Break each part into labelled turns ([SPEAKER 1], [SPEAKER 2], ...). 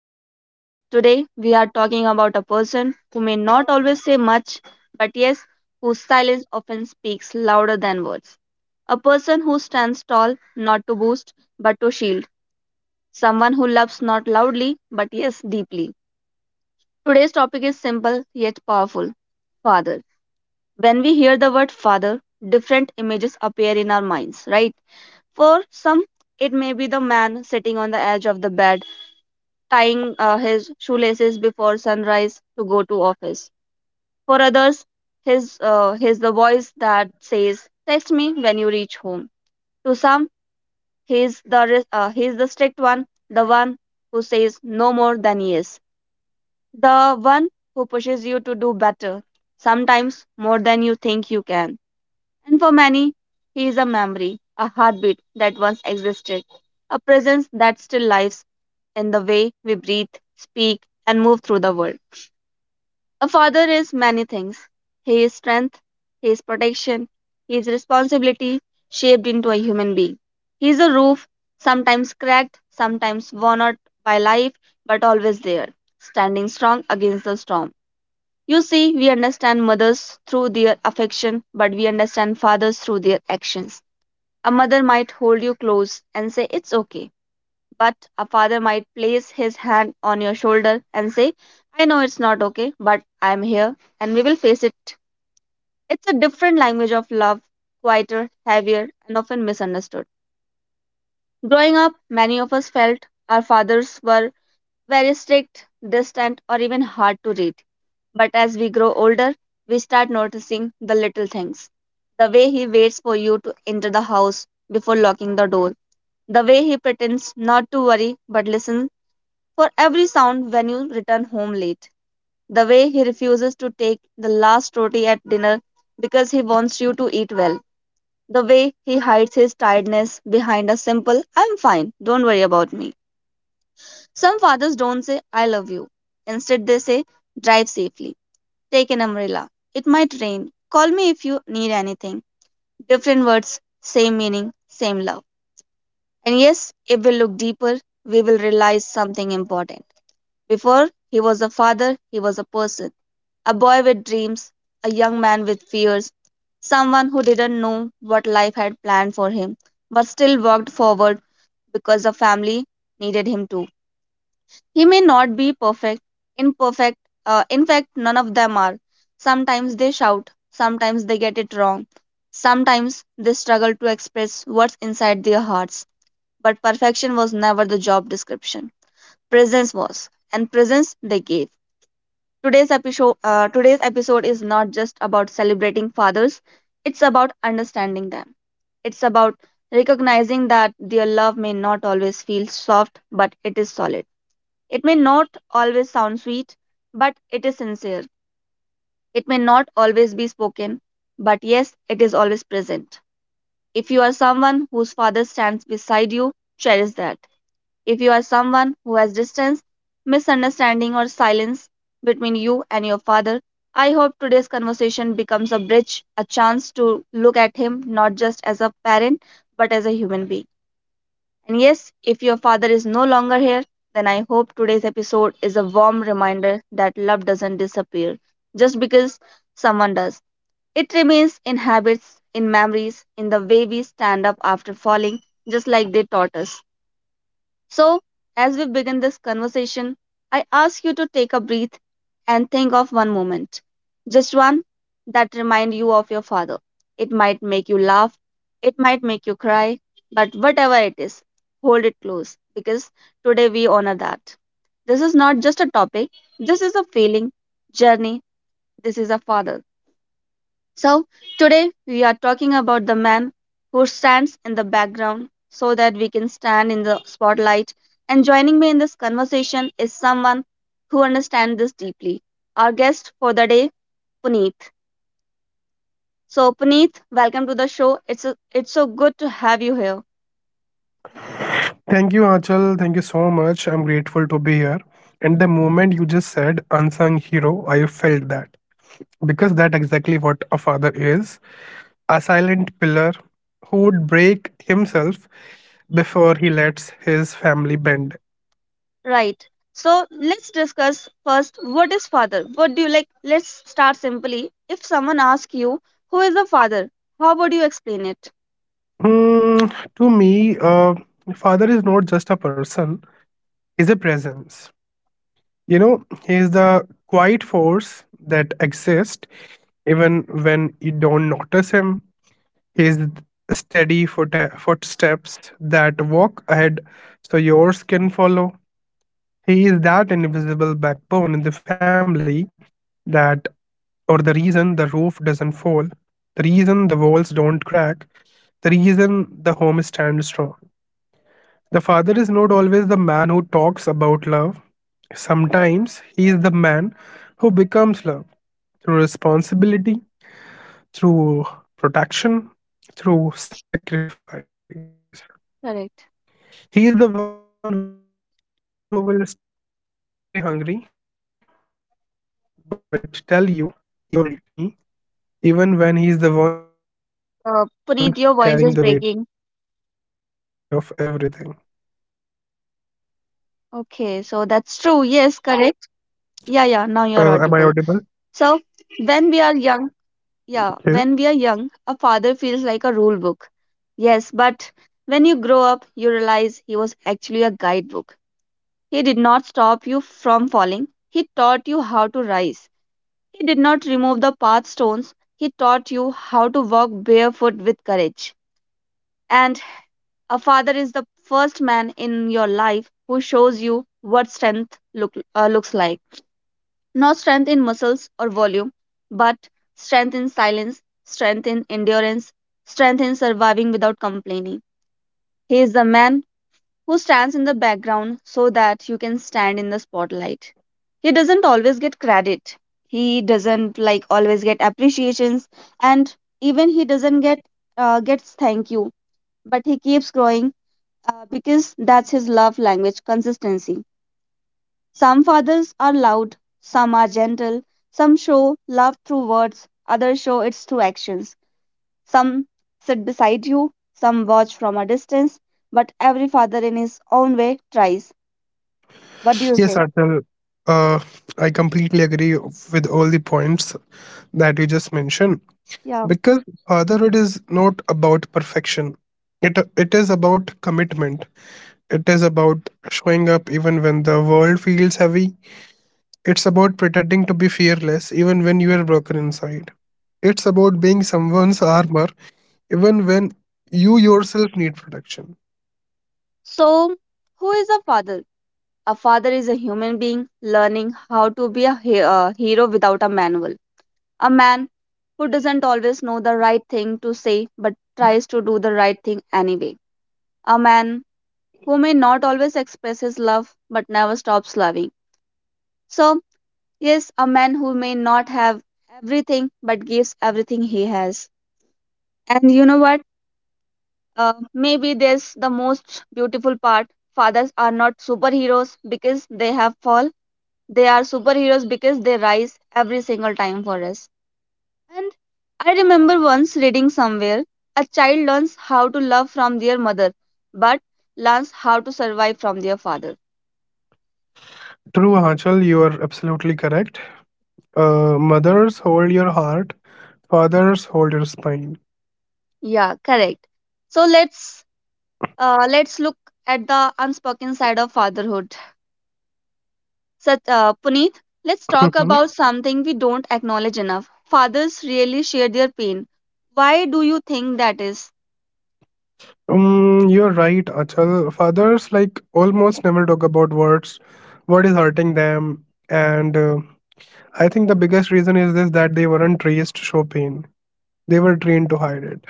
[SPEAKER 1] a home. Today, we are talking about a person who may not always say much, but yes, whose silence often speaks louder than words. A person who stands tall, not to boast, but to shield. Someone who loves not loudly, but yes, deeply. Today's topic is simple yet powerful father. When we hear the word father, different images appear in our minds, right? For some, it may be the man sitting on the edge of the bed, tying his shoelaces before sunrise to go to office. For others, his he's the voice that says, "Text me when you reach home." To some, he's the strict one, the one who says no more than yes, the one who pushes you to do better, sometimes more than you think you can. And for many, he is a memory, a heartbeat that once existed, a presence that still lives in the way we breathe, speak, and move through the world. A father is many things. He is strength, he is protection, he is responsibility shaped into a human being. He is a roof, sometimes cracked, sometimes worn out by life, but always there, standing strong against the storm. You see, we understand mothers through their affection, but we understand fathers through their actions. A mother might hold you close and say, "It's okay." But a father might place his hand on your shoulder and say, "I know it's not okay, but I'm here and we will face it." It's a different language of love, quieter, heavier, and often misunderstood. Growing up, many of us felt our fathers were very strict, distant, or even hard to read. But as we grow older, we start noticing the little things. The way he waits for you to enter the house before locking the door. The way he pretends not to worry but listen for every sound when you return home late. The way he refuses to take the last roti at dinner because he wants you to eat well. The way he hides his tiredness behind a simple, "I'm fine, don't worry about me." Some fathers don't say, "I love you." Instead, they say, "Drive safely. Take an umbrella. It might rain. Call me if you need anything." Different words, same meaning, same love. And yes, if we look deeper, we will realize something important. Before he was a father, he was a person. A boy with dreams, a young man with fears, someone who didn't know what life had planned for him, but still walked forward because the family needed him to. He may not be perfect, imperfect, in fact, none of them are. Sometimes they shout, sometimes they get it wrong, sometimes they struggle to express what's inside their hearts. But perfection was never the job description. Presence was, and presence they gave. Today's episode is not just about celebrating fathers, it's about understanding them. It's about recognizing that their love may not always feel soft, but it is solid. It may not always sound sweet, but it is sincere. It may not always be spoken, but yes, it is always present. If you are someone whose father stands beside you, cherish that. If you are someone who has distance, misunderstanding, or silence between you and your father, I hope today's conversation becomes a bridge, a chance to look at him not just as a parent, but as a human being. And yes, if your father is no longer here, then I hope today's episode is a warm reminder that love doesn't disappear just because someone does. It remains in habits, in memories, in the way we stand up after falling, just like they taught us. So, as we begin this conversation, I ask you to take a breath and think of one moment, just one that remind you of your father. It might make you laugh, it might make you cry, but whatever it is, hold it close because today we honor that. This is not just a topic, this is a feeling, journey, this is a father. So, today we are talking about the man who stands in the background so that we can stand in the spotlight. And joining me in this conversation is someone who understands this deeply. Our guest for the day, Puneet. So, Puneet, welcome to the show. It's so good to have you here.
[SPEAKER 2] Thank you, Achal. Thank you so much. I'm grateful to be here. And the moment you just said unsung hero, I felt that. Because that exactly what a father is. A silent pillar who would break himself before he lets his family bend.
[SPEAKER 1] Right. So, let's discuss first what is father? What do you like? Let's start simply. If someone asks you, who is the father? How would you explain it?
[SPEAKER 2] Hmm, to me, father is not just a person, he's a presence. You know, he is the quiet force that exists even when you don't notice him his steady footsteps that walk ahead so yours can follow. He is that invisible backbone in the family that, or the reason the roof doesn't fall, the reason the walls don't crack, the reason the home stands strong. The father is not always the man who talks about love. Sometimes he is the man who becomes love through responsibility, through protection, through sacrifice. He is the
[SPEAKER 1] Correct.
[SPEAKER 2] one who will stay hungry, but tell you he already ate. He is the one who will say, don't worry about me, even when he is the one carrying the weight of everything.
[SPEAKER 1] Puneet, your voice is breaking. Okay, so that's
[SPEAKER 2] Uh,
[SPEAKER 1] true.
[SPEAKER 2] am I
[SPEAKER 1] Yes,
[SPEAKER 2] audible?
[SPEAKER 1] correct. Yeah, yeah, now you're audible. So,
[SPEAKER 2] Okay.
[SPEAKER 1] when we are young, yeah, when we are young, a father feels like a rule book. Yes, but when you grow up, you realize he was actually a guidebook. He did not stop you from falling, he taught you how to rise. He did not remove the path stones, he taught you how to walk barefoot with courage. And a father is the first man in your life who shows you what looks like. Not strength in muscles or volume, but strength in silence, strength in endurance, strength in surviving without complaining. He is the man who stands in the background so that you can stand in the spotlight. He doesn't always get credit. He doesn't like always get appreciations and even he doesn't get gets thank you, but he keeps growing because that's his love language consistency. Some fathers are loud, some are gentle, some show love through words, others show it through actions. Some sit beside you, some watch from a distance, but every father in his own way tries. What do you say?
[SPEAKER 2] Yes, Artel. Uh, I completely agree with all the points that you just mentioned,
[SPEAKER 1] Yeah.
[SPEAKER 2] because fatherhood is not about perfection. It is about commitment. It is about showing up even when the world feels heavy. It's about pretending to be fearless even when you are broken inside. It's about being someone's armor even when you yourself need protection.
[SPEAKER 1] So, who is a father? A father is a human being learning how to be hero without a manual. A man who doesn't always know the right thing to say but tries to do the right thing anyway. A man who may not always express his love but never stops loving. So, yes, a man who may not have everything but gives everything he has. And you know what? Maybe there's the most beautiful part. Fathers are not superheroes because they have fall. They are superheroes because they rise every single time for us. And I remember once reading somewhere a child learns how to love from their mother, but learns how to survive from their father.
[SPEAKER 2] True, Hachal, you are absolutely correct. Mothers, hold your heart. Fathers, hold your spine.
[SPEAKER 1] Yeah, correct. So let's look at the unspoken side of fatherhood. Such Puneet, let's talk
[SPEAKER 2] Mhm.
[SPEAKER 1] about something we don't acknowledge enough. Fathers really share their pain. Why do you think that is?
[SPEAKER 2] You're right, Achal. Fathers, like, almost never talk about what is hurting them. And I think the biggest reason is this, that they weren't raised to show pain. They were trained to hide it.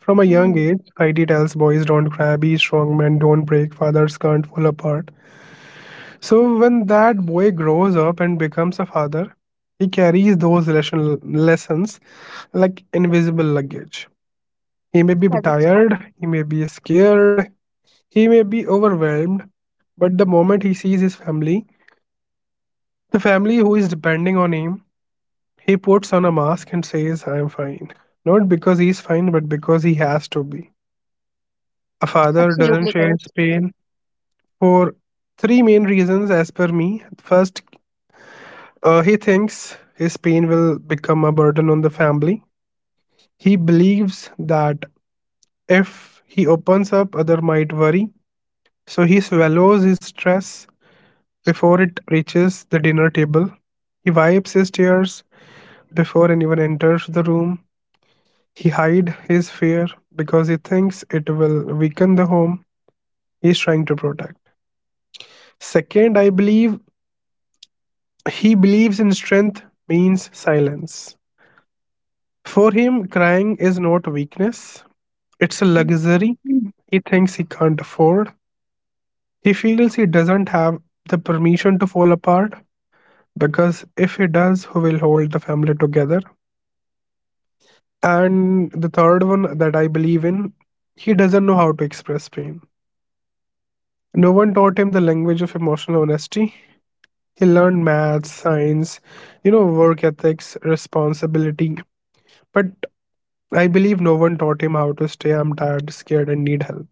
[SPEAKER 2] From a young
[SPEAKER 1] Mm,
[SPEAKER 2] age, society tells boys don't cry, be strong men, don't break, fathers can't fall apart. So when that boy grows up and becomes a father, he carries those lessons like invisible luggage. He may be
[SPEAKER 1] correct.
[SPEAKER 2] tired, he may be scared, he may be overwhelmed, but the moment he sees his family, the family who is depending on him, he puts on a mask and says, I am fine. Not because he's fine, but because he has to be. A father doesn't share his pain, for three main reasons, as per me. First, he thinks his pain will become a burden on the family. He believes that if he opens up, other might worry. So he swallows his stress before it reaches the dinner table. He wipes his tears before anyone enters the room. He hides his fear because he thinks it will weaken the home he is trying to protect. Second, I believe he believes in strength means silence. For him, crying is not weakness, it's a luxury he thinks he can't afford. He feels he doesn't have the permission to fall apart, because if he does, who will hold the family together? And the third one that I believe in, he doesn't know how to express pain. No one taught him the language of emotional honesty. He learned maths, science, you know, work ethics, responsibility. But I believe no one taught him how to stay, I'm tired, scared, and need help.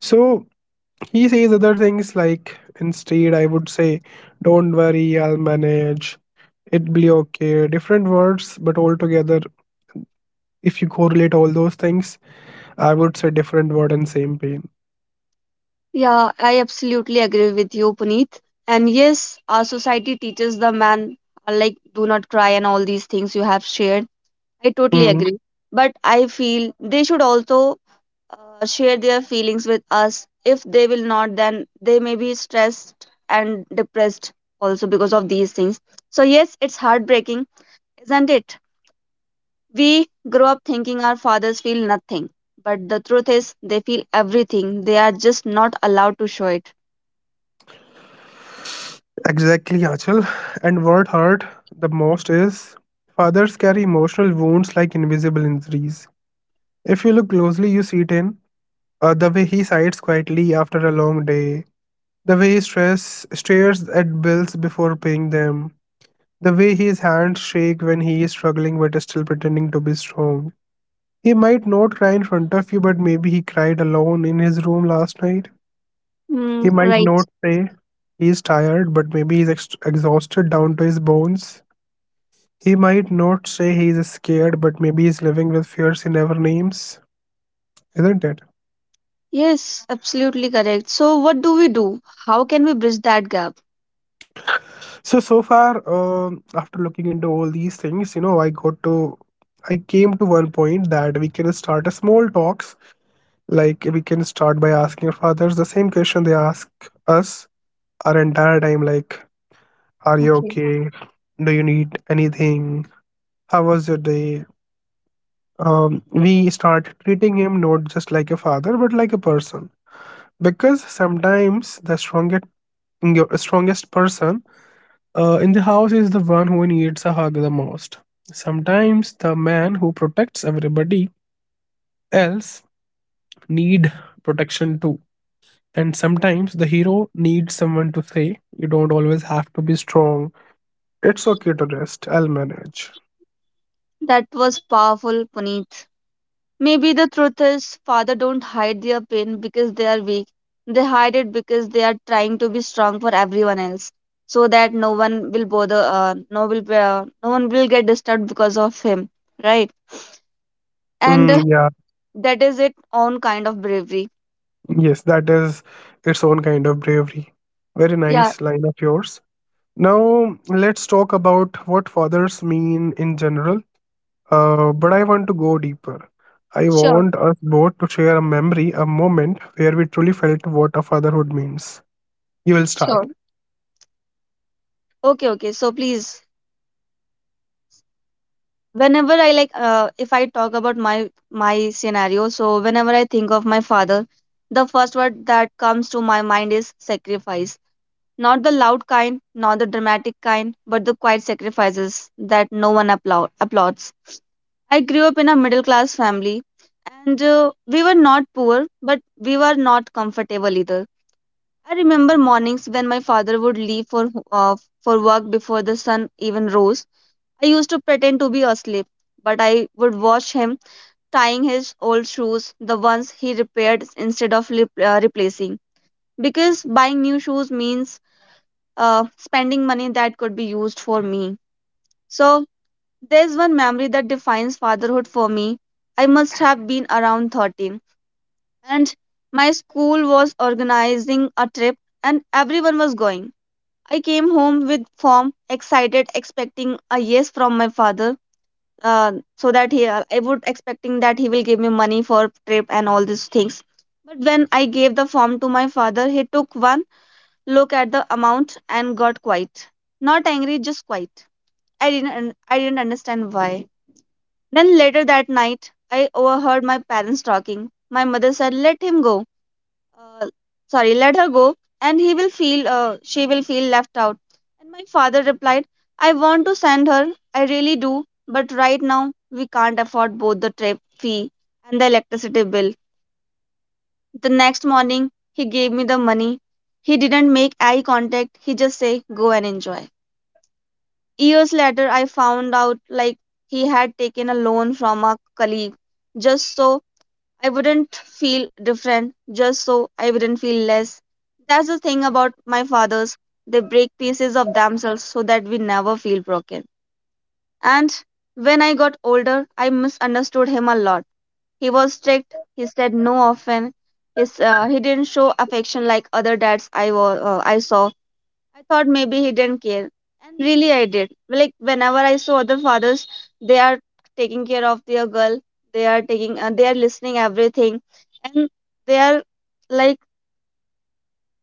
[SPEAKER 2] So he says other things like, instead, I would say, don't worry, I'll manage, it'll be okay. Different words, but altogether, if you correlate all those things, I would say different word and same pain.
[SPEAKER 1] Yeah, I absolutely agree with you, Puneet. And yes, our society teaches the man, like, do not cry and all these things you have shared. I totally
[SPEAKER 2] Hmm.
[SPEAKER 1] agree. But I feel they should also share their feelings with us. If they will not, then they may be stressed and depressed also because of these things. So, yes, it's heartbreaking, isn't it? We grow up thinking our fathers feel nothing. But the truth is, they feel everything. They are just not allowed to show it.
[SPEAKER 2] Exactly, Achal. And what hurt the most is fathers carry emotional wounds like invisible injuries. If you look closely, you see it in the way he sighs quietly after a long day, the way he stress stares at bills before paying them, the way his hands shake when he is struggling but is still pretending to be strong. He might not cry in front of you, but maybe he cried alone in his room last night.
[SPEAKER 1] Mm,
[SPEAKER 2] He might
[SPEAKER 1] right.
[SPEAKER 2] not say he is tired, but maybe he's exhausted down to his bones. He might not say he is scared, but maybe he's living with fears he never names. Isn't it?
[SPEAKER 1] Yes, absolutely correct. So, what do we do? How can we bridge that gap?
[SPEAKER 2] So, so far, after looking into all these things, you know, I came to one point that we can start a small talks. Like we can start by asking our fathers the same question they ask us our entire time, like, are you
[SPEAKER 1] Okay.
[SPEAKER 2] okay? Do you need anything? How was your day? We start treating him not just like a father, but like a person. Because sometimes the strongest person in the house is the one who needs a hug the most. Sometimes the man who protects everybody else need protection too. And sometimes the hero needs someone to say, you don't always have to be strong. It's okay to rest, I'll manage.
[SPEAKER 1] That was powerful, Puneet. Maybe the truth is, father don't hide their pain because they are weak. They hide it because they are trying to be strong for everyone else, so that no one will bother. No one will get disturbed because of him, right? And
[SPEAKER 2] Mm, yeah,
[SPEAKER 1] that is its own kind of bravery.
[SPEAKER 2] yes, that is its own kind of bravery. Very
[SPEAKER 1] Yeah.
[SPEAKER 2] nice line of yours. Now, let's talk about what fathers mean in general. But I want to go deeper. I
[SPEAKER 1] Sure.
[SPEAKER 2] want us both to share a memory, a moment where we truly felt what a fatherhood means. You will start.
[SPEAKER 1] Sure. Okay. Okay. So please. Whenever I like if I talk about my scenario, so whenever I think of my father, the first word that comes to my mind is sacrifice. Not the loud kind, not the dramatic kind, but the quiet sacrifices that no one applauds. I grew up in a middle class family, and we were not poor, but we were not comfortable either. I remember mornings when my father would leave uh, for work before the sun even rose. I used to pretend to be asleep, but I would watch him tying his old shoes, the ones he repaired instead of replacing, because buying new shoes means spending money that could be used for me. So there's one memory that defines fatherhood for me. I must have been around 13, and my school was organizing a trip, and everyone was going. I came home with form, excited, expecting a yes from my father so that he I would expecting that he will give me money for trip and all these things. But when I gave the form to my father, he took one look at the amount and got quiet, not angry, just quiet. I didn't understand why. Then later that night I overheard my parents talking. My mother said, let him go, uh, sorry, let her go, and he will feel she will feel left out. And my father replied, I want to send her, I really do, but right now we can't afford both the trip fee and the electricity bill. The next morning he gave me the money. He didn't make eye contact, he just said, go and enjoy. Years later I found out, like, he had taken a loan from a colleague just so I wouldn't feel different, just so I wouldn't feel less. That's the thing about my fathers. They break pieces of themselves so that we never feel broken. And when I got older, I misunderstood him a lot. He was strict. He said no often. He didn't show affection like other dads I saw. I thought maybe he didn't care. And really, I did. Like, whenever I saw other fathers, they are taking care of their girl, they are they are listening everything, and they are, like,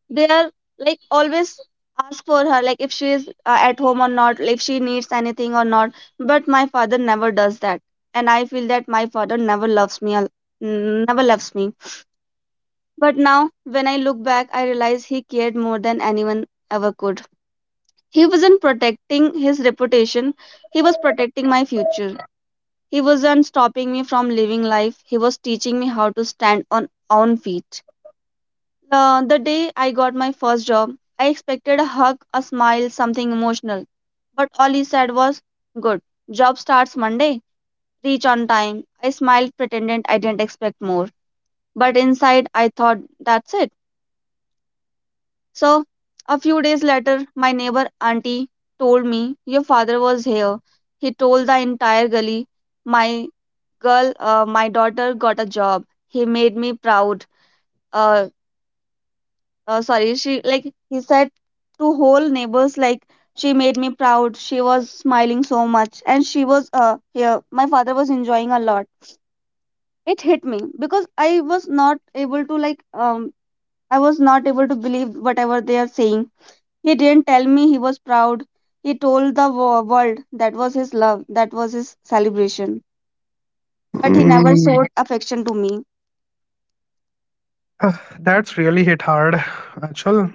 [SPEAKER 1] they are, like, always ask for her, like if she is at home or not, if she needs anything or not. But my father never does that, and I feel that my father never loves never loves me. But now, when I look back, I realize he cared more than anyone ever could. He wasn't protecting his reputation, he was protecting my future. He wasn't stopping me from living life, he was teaching me how to stand on own feet. The day I got my first job, I expected a hug, a smile, something emotional. But all he said was, good, job starts Monday, reach on time. I smiled, pretended I didn't expect more. But inside, I thought, that's it. So a few days later, my neighbor auntie told me, your father was here. He told the entire gully, my girl, my daughter got a job. He made me proud. Uh, sorry, she like He said to whole neighbors, like, she made me proud. She was smiling so much, and she was here. My father was enjoying a lot. It hit me because I was not able to, like, I was not able to believe whatever they are saying. He didn't tell me he was proud. He told the world. That was his love, that was his celebration. But he never
[SPEAKER 2] Mm,
[SPEAKER 1] showed affection to me.
[SPEAKER 2] ah, that's really hit hard, Achal.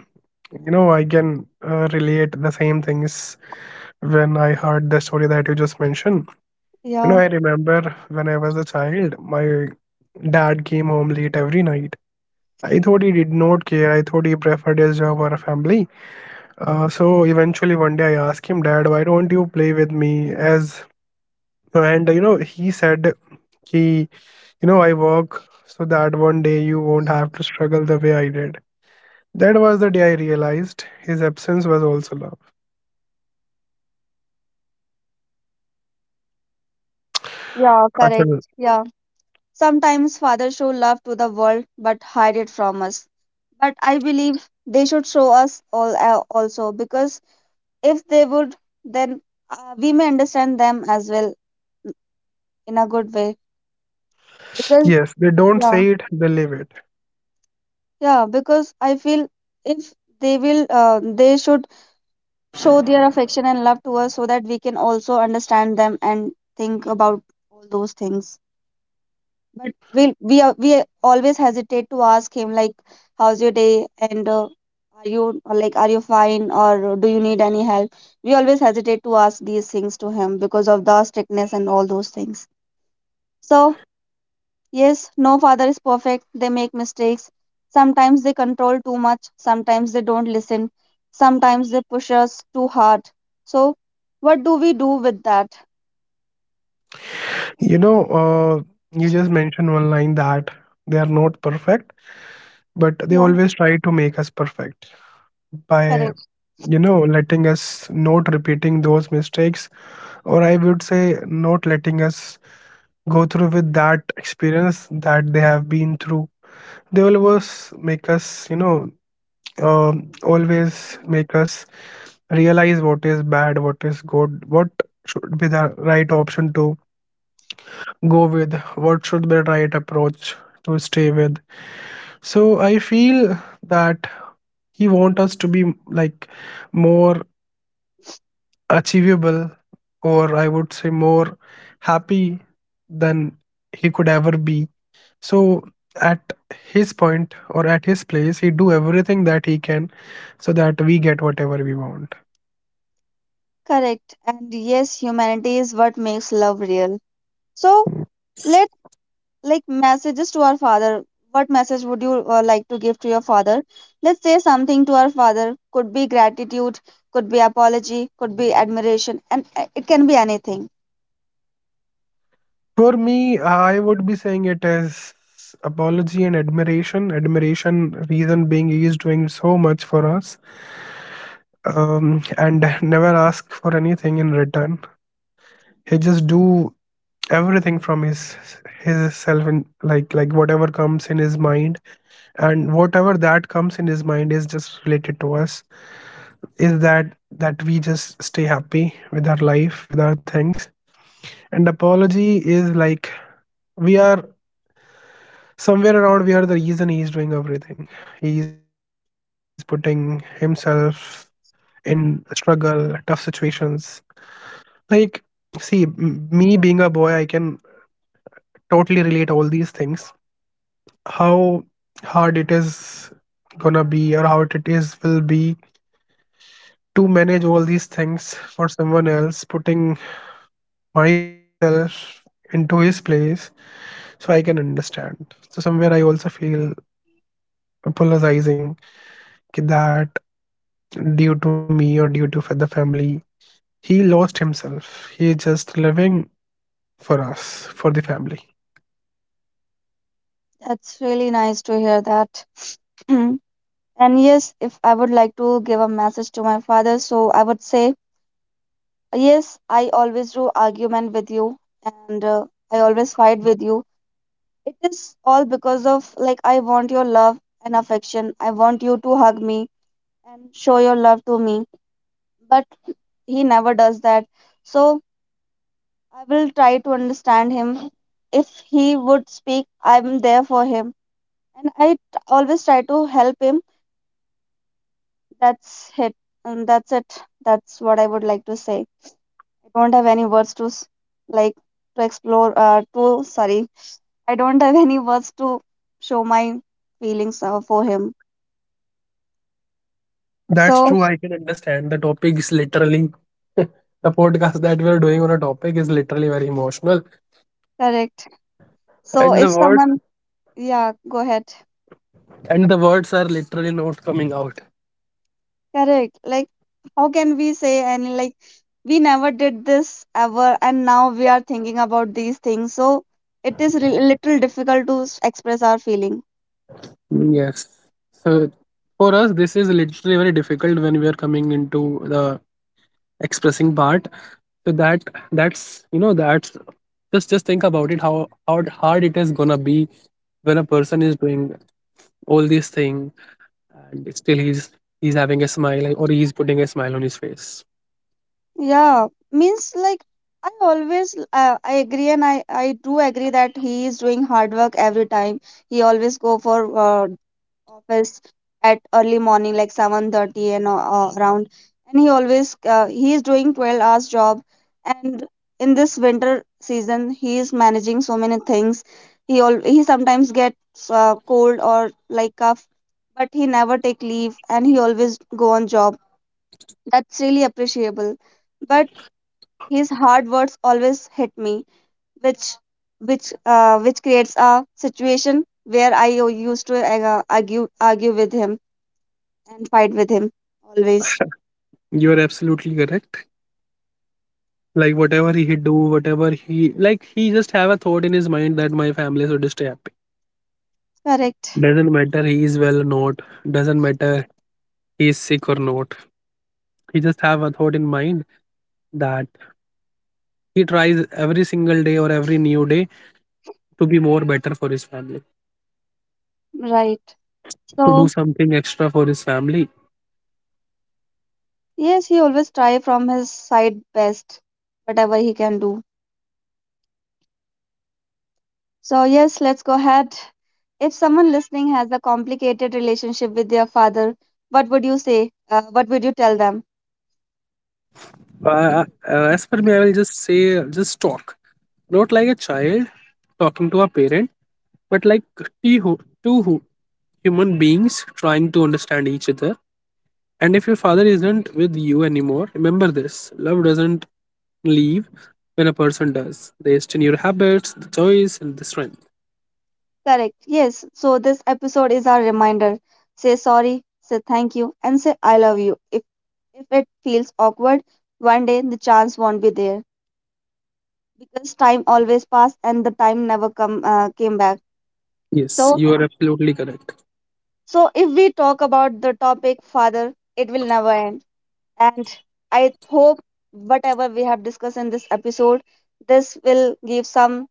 [SPEAKER 2] You know, I can relate the same things when I heard the story that you just mentioned. You know,
[SPEAKER 1] Yeah,
[SPEAKER 2] I remember when I was a child, my dad came home late every night. I thought he did not care. I thought he preferred his job or a family. So eventually, one day, I asked him, "Dad, why don't you play with me?" As and you know, he said, "He, you know, I work so that one day you won't have to struggle the way I did." That was the day I realized his absence was also love.
[SPEAKER 1] yeah, correct.
[SPEAKER 2] Achal.
[SPEAKER 1] Yeah. Sometimes fathers show love to the world but hide it from us. But I believe they should show us all, also, because if they would, then we may understand them as well in a good way. Because
[SPEAKER 2] Yes, they don't
[SPEAKER 1] yeah,
[SPEAKER 2] say it, they live it.
[SPEAKER 1] yeah, because I feel if they will, they should show their affection and love to us so that we can also understand them and think about all those things. But we always hesitate to ask him, like, how's your day, and are you, or, like, are you fine, or do you need any help? We always hesitate to ask these things to him because of the strictness and all those things. So yes, no father is perfect. They make mistakes. Sometimes they control too much. Sometimes they don't listen. Sometimes they push us too hard. So, what do we do with that?
[SPEAKER 2] You know, you just mentioned one line that they are not perfect, but they
[SPEAKER 1] Yeah,
[SPEAKER 2] always try to make us perfect by,
[SPEAKER 1] correct.
[SPEAKER 2] you know, letting us not repeating those mistakes, or I would say, not letting us go through with that experience that they have been through. They always make us, you know, always make us realize what is bad, what is good, what should be the right option to go with, what should be the right approach to stay with. So I feel that he want us to be like more achievable, or I would say more happy than he could ever be. So at his point or at his place, he do everything that he can so that we get whatever we want.
[SPEAKER 1] Correct. And yes, humanity is what makes love real. So, let, like, messages to our father. What message would you like to give to your father? Let's say something to our father. Could be gratitude, could be apology, could be admiration, and it can be anything.
[SPEAKER 2] For me, I would be saying it is apology and admiration. Admiration, reason being he is doing so much for us, and never ask for anything in return. He just do everything from his self and like whatever comes in his mind, and whatever that comes in his mind is just related to us, is that that we just stay happy with our life with our things. And apology is like we are somewhere around we are the reason he's doing everything, he's putting himself in struggle tough situations. Like, me being a boy, I can totally relate all these things, how hard it is gonna be or how it is will be to manage all these things for someone else, putting myself into his place. So I can understand, so somewhere I also feel apologizing, ki that due to me or due to the family. He lost himself. He is just living for us, for the family.
[SPEAKER 1] That's really nice to hear that. And yes, if I would like to give a message to my father, so I would say, yes, I always do argument with you, and I always fight with you. It is all because of, like, I want your love and affection. I want you to hug me and show your love to me. But he never does that. So I will try to understand him. If he would speak, I'm there for him. And always try to help him. That's it. And that's it. That's what I would like to say. I don't have any words to like to explore. To sorry, I don't have any words to show my feelings for him.
[SPEAKER 2] That's
[SPEAKER 1] So
[SPEAKER 2] true. I can understand. The topic is literally the podcast that we're doing on a topic is literally very emotional,
[SPEAKER 1] correct. So
[SPEAKER 2] and the
[SPEAKER 1] if
[SPEAKER 2] words
[SPEAKER 1] someone, yeah, go ahead.
[SPEAKER 2] and the words are literally not coming out.
[SPEAKER 1] Correct. Like, how can we say any, like, we never did this ever, and now we are thinking about these things. So it is little difficult to express our feeling.
[SPEAKER 2] Yes. So for us, this is literally very difficult when we are coming into the expressing part, so that that's, you know, that's just think about it how hard it is gonna be when a person is doing all these things and still he's having a smile or he's putting a smile on his face.
[SPEAKER 1] Yeah, means, like, I always I agree, and I do agree that he is doing hard work every time. He always go for office at early morning like 7:30 and around, and he always he is doing 12 hours job, and in this winter season he is managing so many things. He sometimes gets cold or, like, cough, but he never take leave and he always go on job. That's really appreciable, but his hard words always hit me, which which creates a situation where used to argue with him and fight with him always.
[SPEAKER 2] You are absolutely correct. Like, whatever he do, whatever he like, he just have a thought in his mind that my family should stay happy.
[SPEAKER 1] Correct.
[SPEAKER 2] Doesn't matter he is well or not, doesn't matter he is sick or not, he just have a thought in mind that he tries every single day or every new day to be more better for his family,
[SPEAKER 1] Right.
[SPEAKER 2] to do
[SPEAKER 1] So
[SPEAKER 2] something extra for his family.
[SPEAKER 1] yes, he always try from his side best, whatever he can do. So yes, let's go ahead. If someone listening has a complicated relationship with their father, what would you say? What would you tell them?
[SPEAKER 2] Uh, uh, as per me, I will just say, just talk, not like a child talking to a parent, but like two, hu- two hu- human beings trying to understand each other. And if your father isn't with you anymore, remember this love doesn't leave when a person does. They stay in your habits, the choice, and the strength.
[SPEAKER 1] Correct. Yes. So this episode is our reminder. Say sorry, say thank you, and say I love you. If it feels awkward, one day the chance won't be there because time always pass and the time never come came back.
[SPEAKER 2] Yes,
[SPEAKER 1] So,
[SPEAKER 2] you are absolutely correct.
[SPEAKER 1] so if we talk about the topic father, it will never end. And I hope whatever we have discussed in this episode, this will give some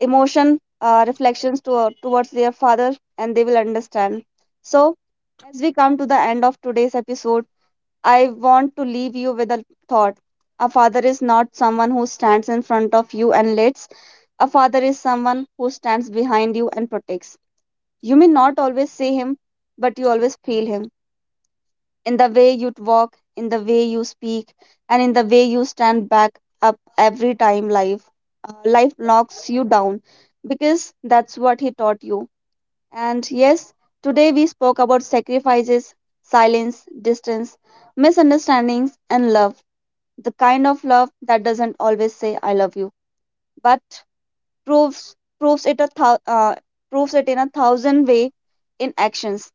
[SPEAKER 1] emotion reflections to, towards their father, and they will understand. So as we come to the end of today's episode, I want to leave you with a thought. A father is not someone who stands in front of you and leads. A father is someone who stands behind you and protects. You may not always see him, but you always feel him in the way you walk, in the way you speak, and in the way you stand back up every time life knocks you down, because that's what he taught you. And yes, today we spoke about sacrifices, silence, distance, misunderstandings and love. The kind of love that doesn't always say I love you, but proves proves it a thou- uh, proves it in a thousand way, in actions.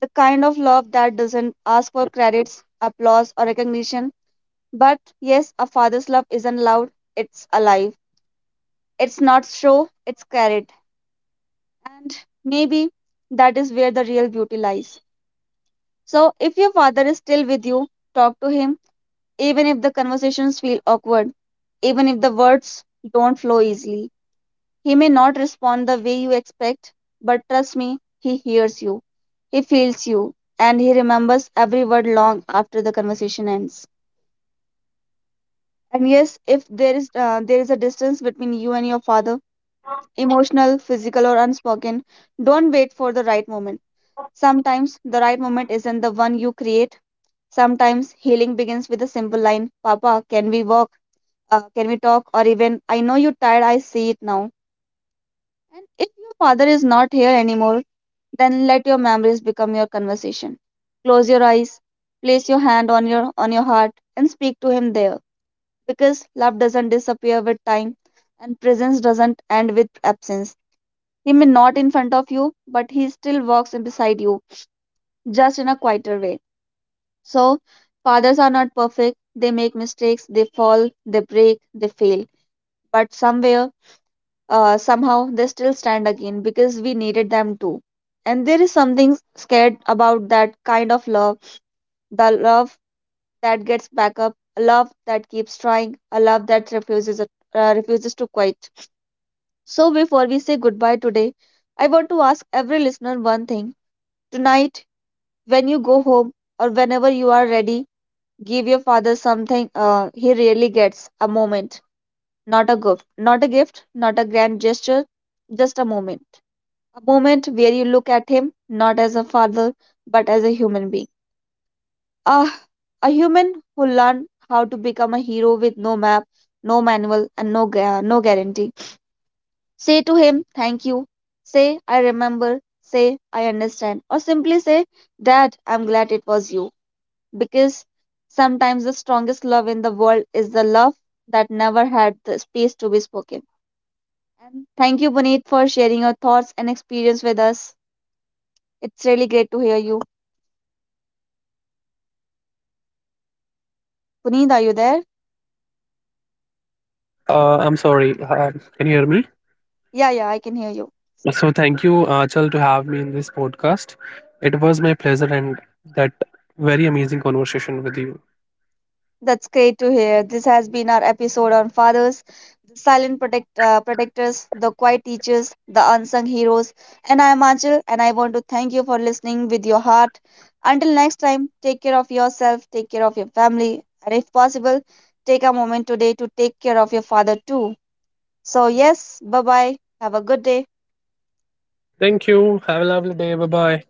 [SPEAKER 1] The kind of love that doesn't ask for credits, applause, or recognition. But yes, a father's love isn't loud, it's alive. It's not show, it's carried. And maybe that is where the real beauty lies. So if your father is still with you, talk to him, even if the conversations feel awkward, even if the words don't flow easily. He may not respond the way you expect, but trust me, he hears you, he feels you, and he remembers every word long after the conversation ends. And yes, if there is a distance between you and your father, emotional, physical, or unspoken, don't wait for the right moment. Sometimes the right moment isn't the one you create. Sometimes healing begins with a simple line, "Papa, can we walk? Can we talk?" Or even, "I know you're tired. I see it now." And if your father is not here anymore, then let your memories become your conversation. Close your eyes, place your hand on your heart and speak to him there, because love doesn't disappear with time and presence doesn't end with absence. He may not in front of you, but he still walks in beside you, just in a quieter way. So, fathers are not perfect. They make mistakes, they fall, they break, they fail. But somewhere somehow they still stand again because we needed them to. And there is something scared about that kind of love, the love that gets back up, a love that keeps trying, a love that refuses to quit. So, before we say goodbye today, I want to ask every listener one thing. Tonight, when you go home or whenever you are ready, give your father something he really gets, a moment, not a gift, not a grand gesture, just a moment. A moment where you look at him not as a father but as a human being. Ah, a human who learned how to become a hero with no map, no manual, and no guarantee. Say to him, "Thank you." Say, "I remember." Say, "I understand," or simply say, "Dad, I'm glad it was you." Because sometimes the strongest love in the world is the love that never had the space to be spoken. And thank you, Puneet, for sharing your thoughts and experience with us. It's really great to hear you. Puneet, are you there?
[SPEAKER 2] I'm sorry. Can you hear me?
[SPEAKER 1] Yeah, yeah, I can hear you.
[SPEAKER 2] So thank you, Achal, to have me in this podcast. It was my pleasure and that very amazing conversation with you.
[SPEAKER 1] That's great to hear. This has been our episode on fathers, the protectors, the quiet teachers, the unsung heroes. And I am Anchal, and I want to thank you for listening with your heart. Until next time, take care of yourself, take care of your family, and if possible, take a moment today to take care of your father too. So, yes, bye bye. Have a good day.
[SPEAKER 2] Thank you. Have a lovely day. Bye bye.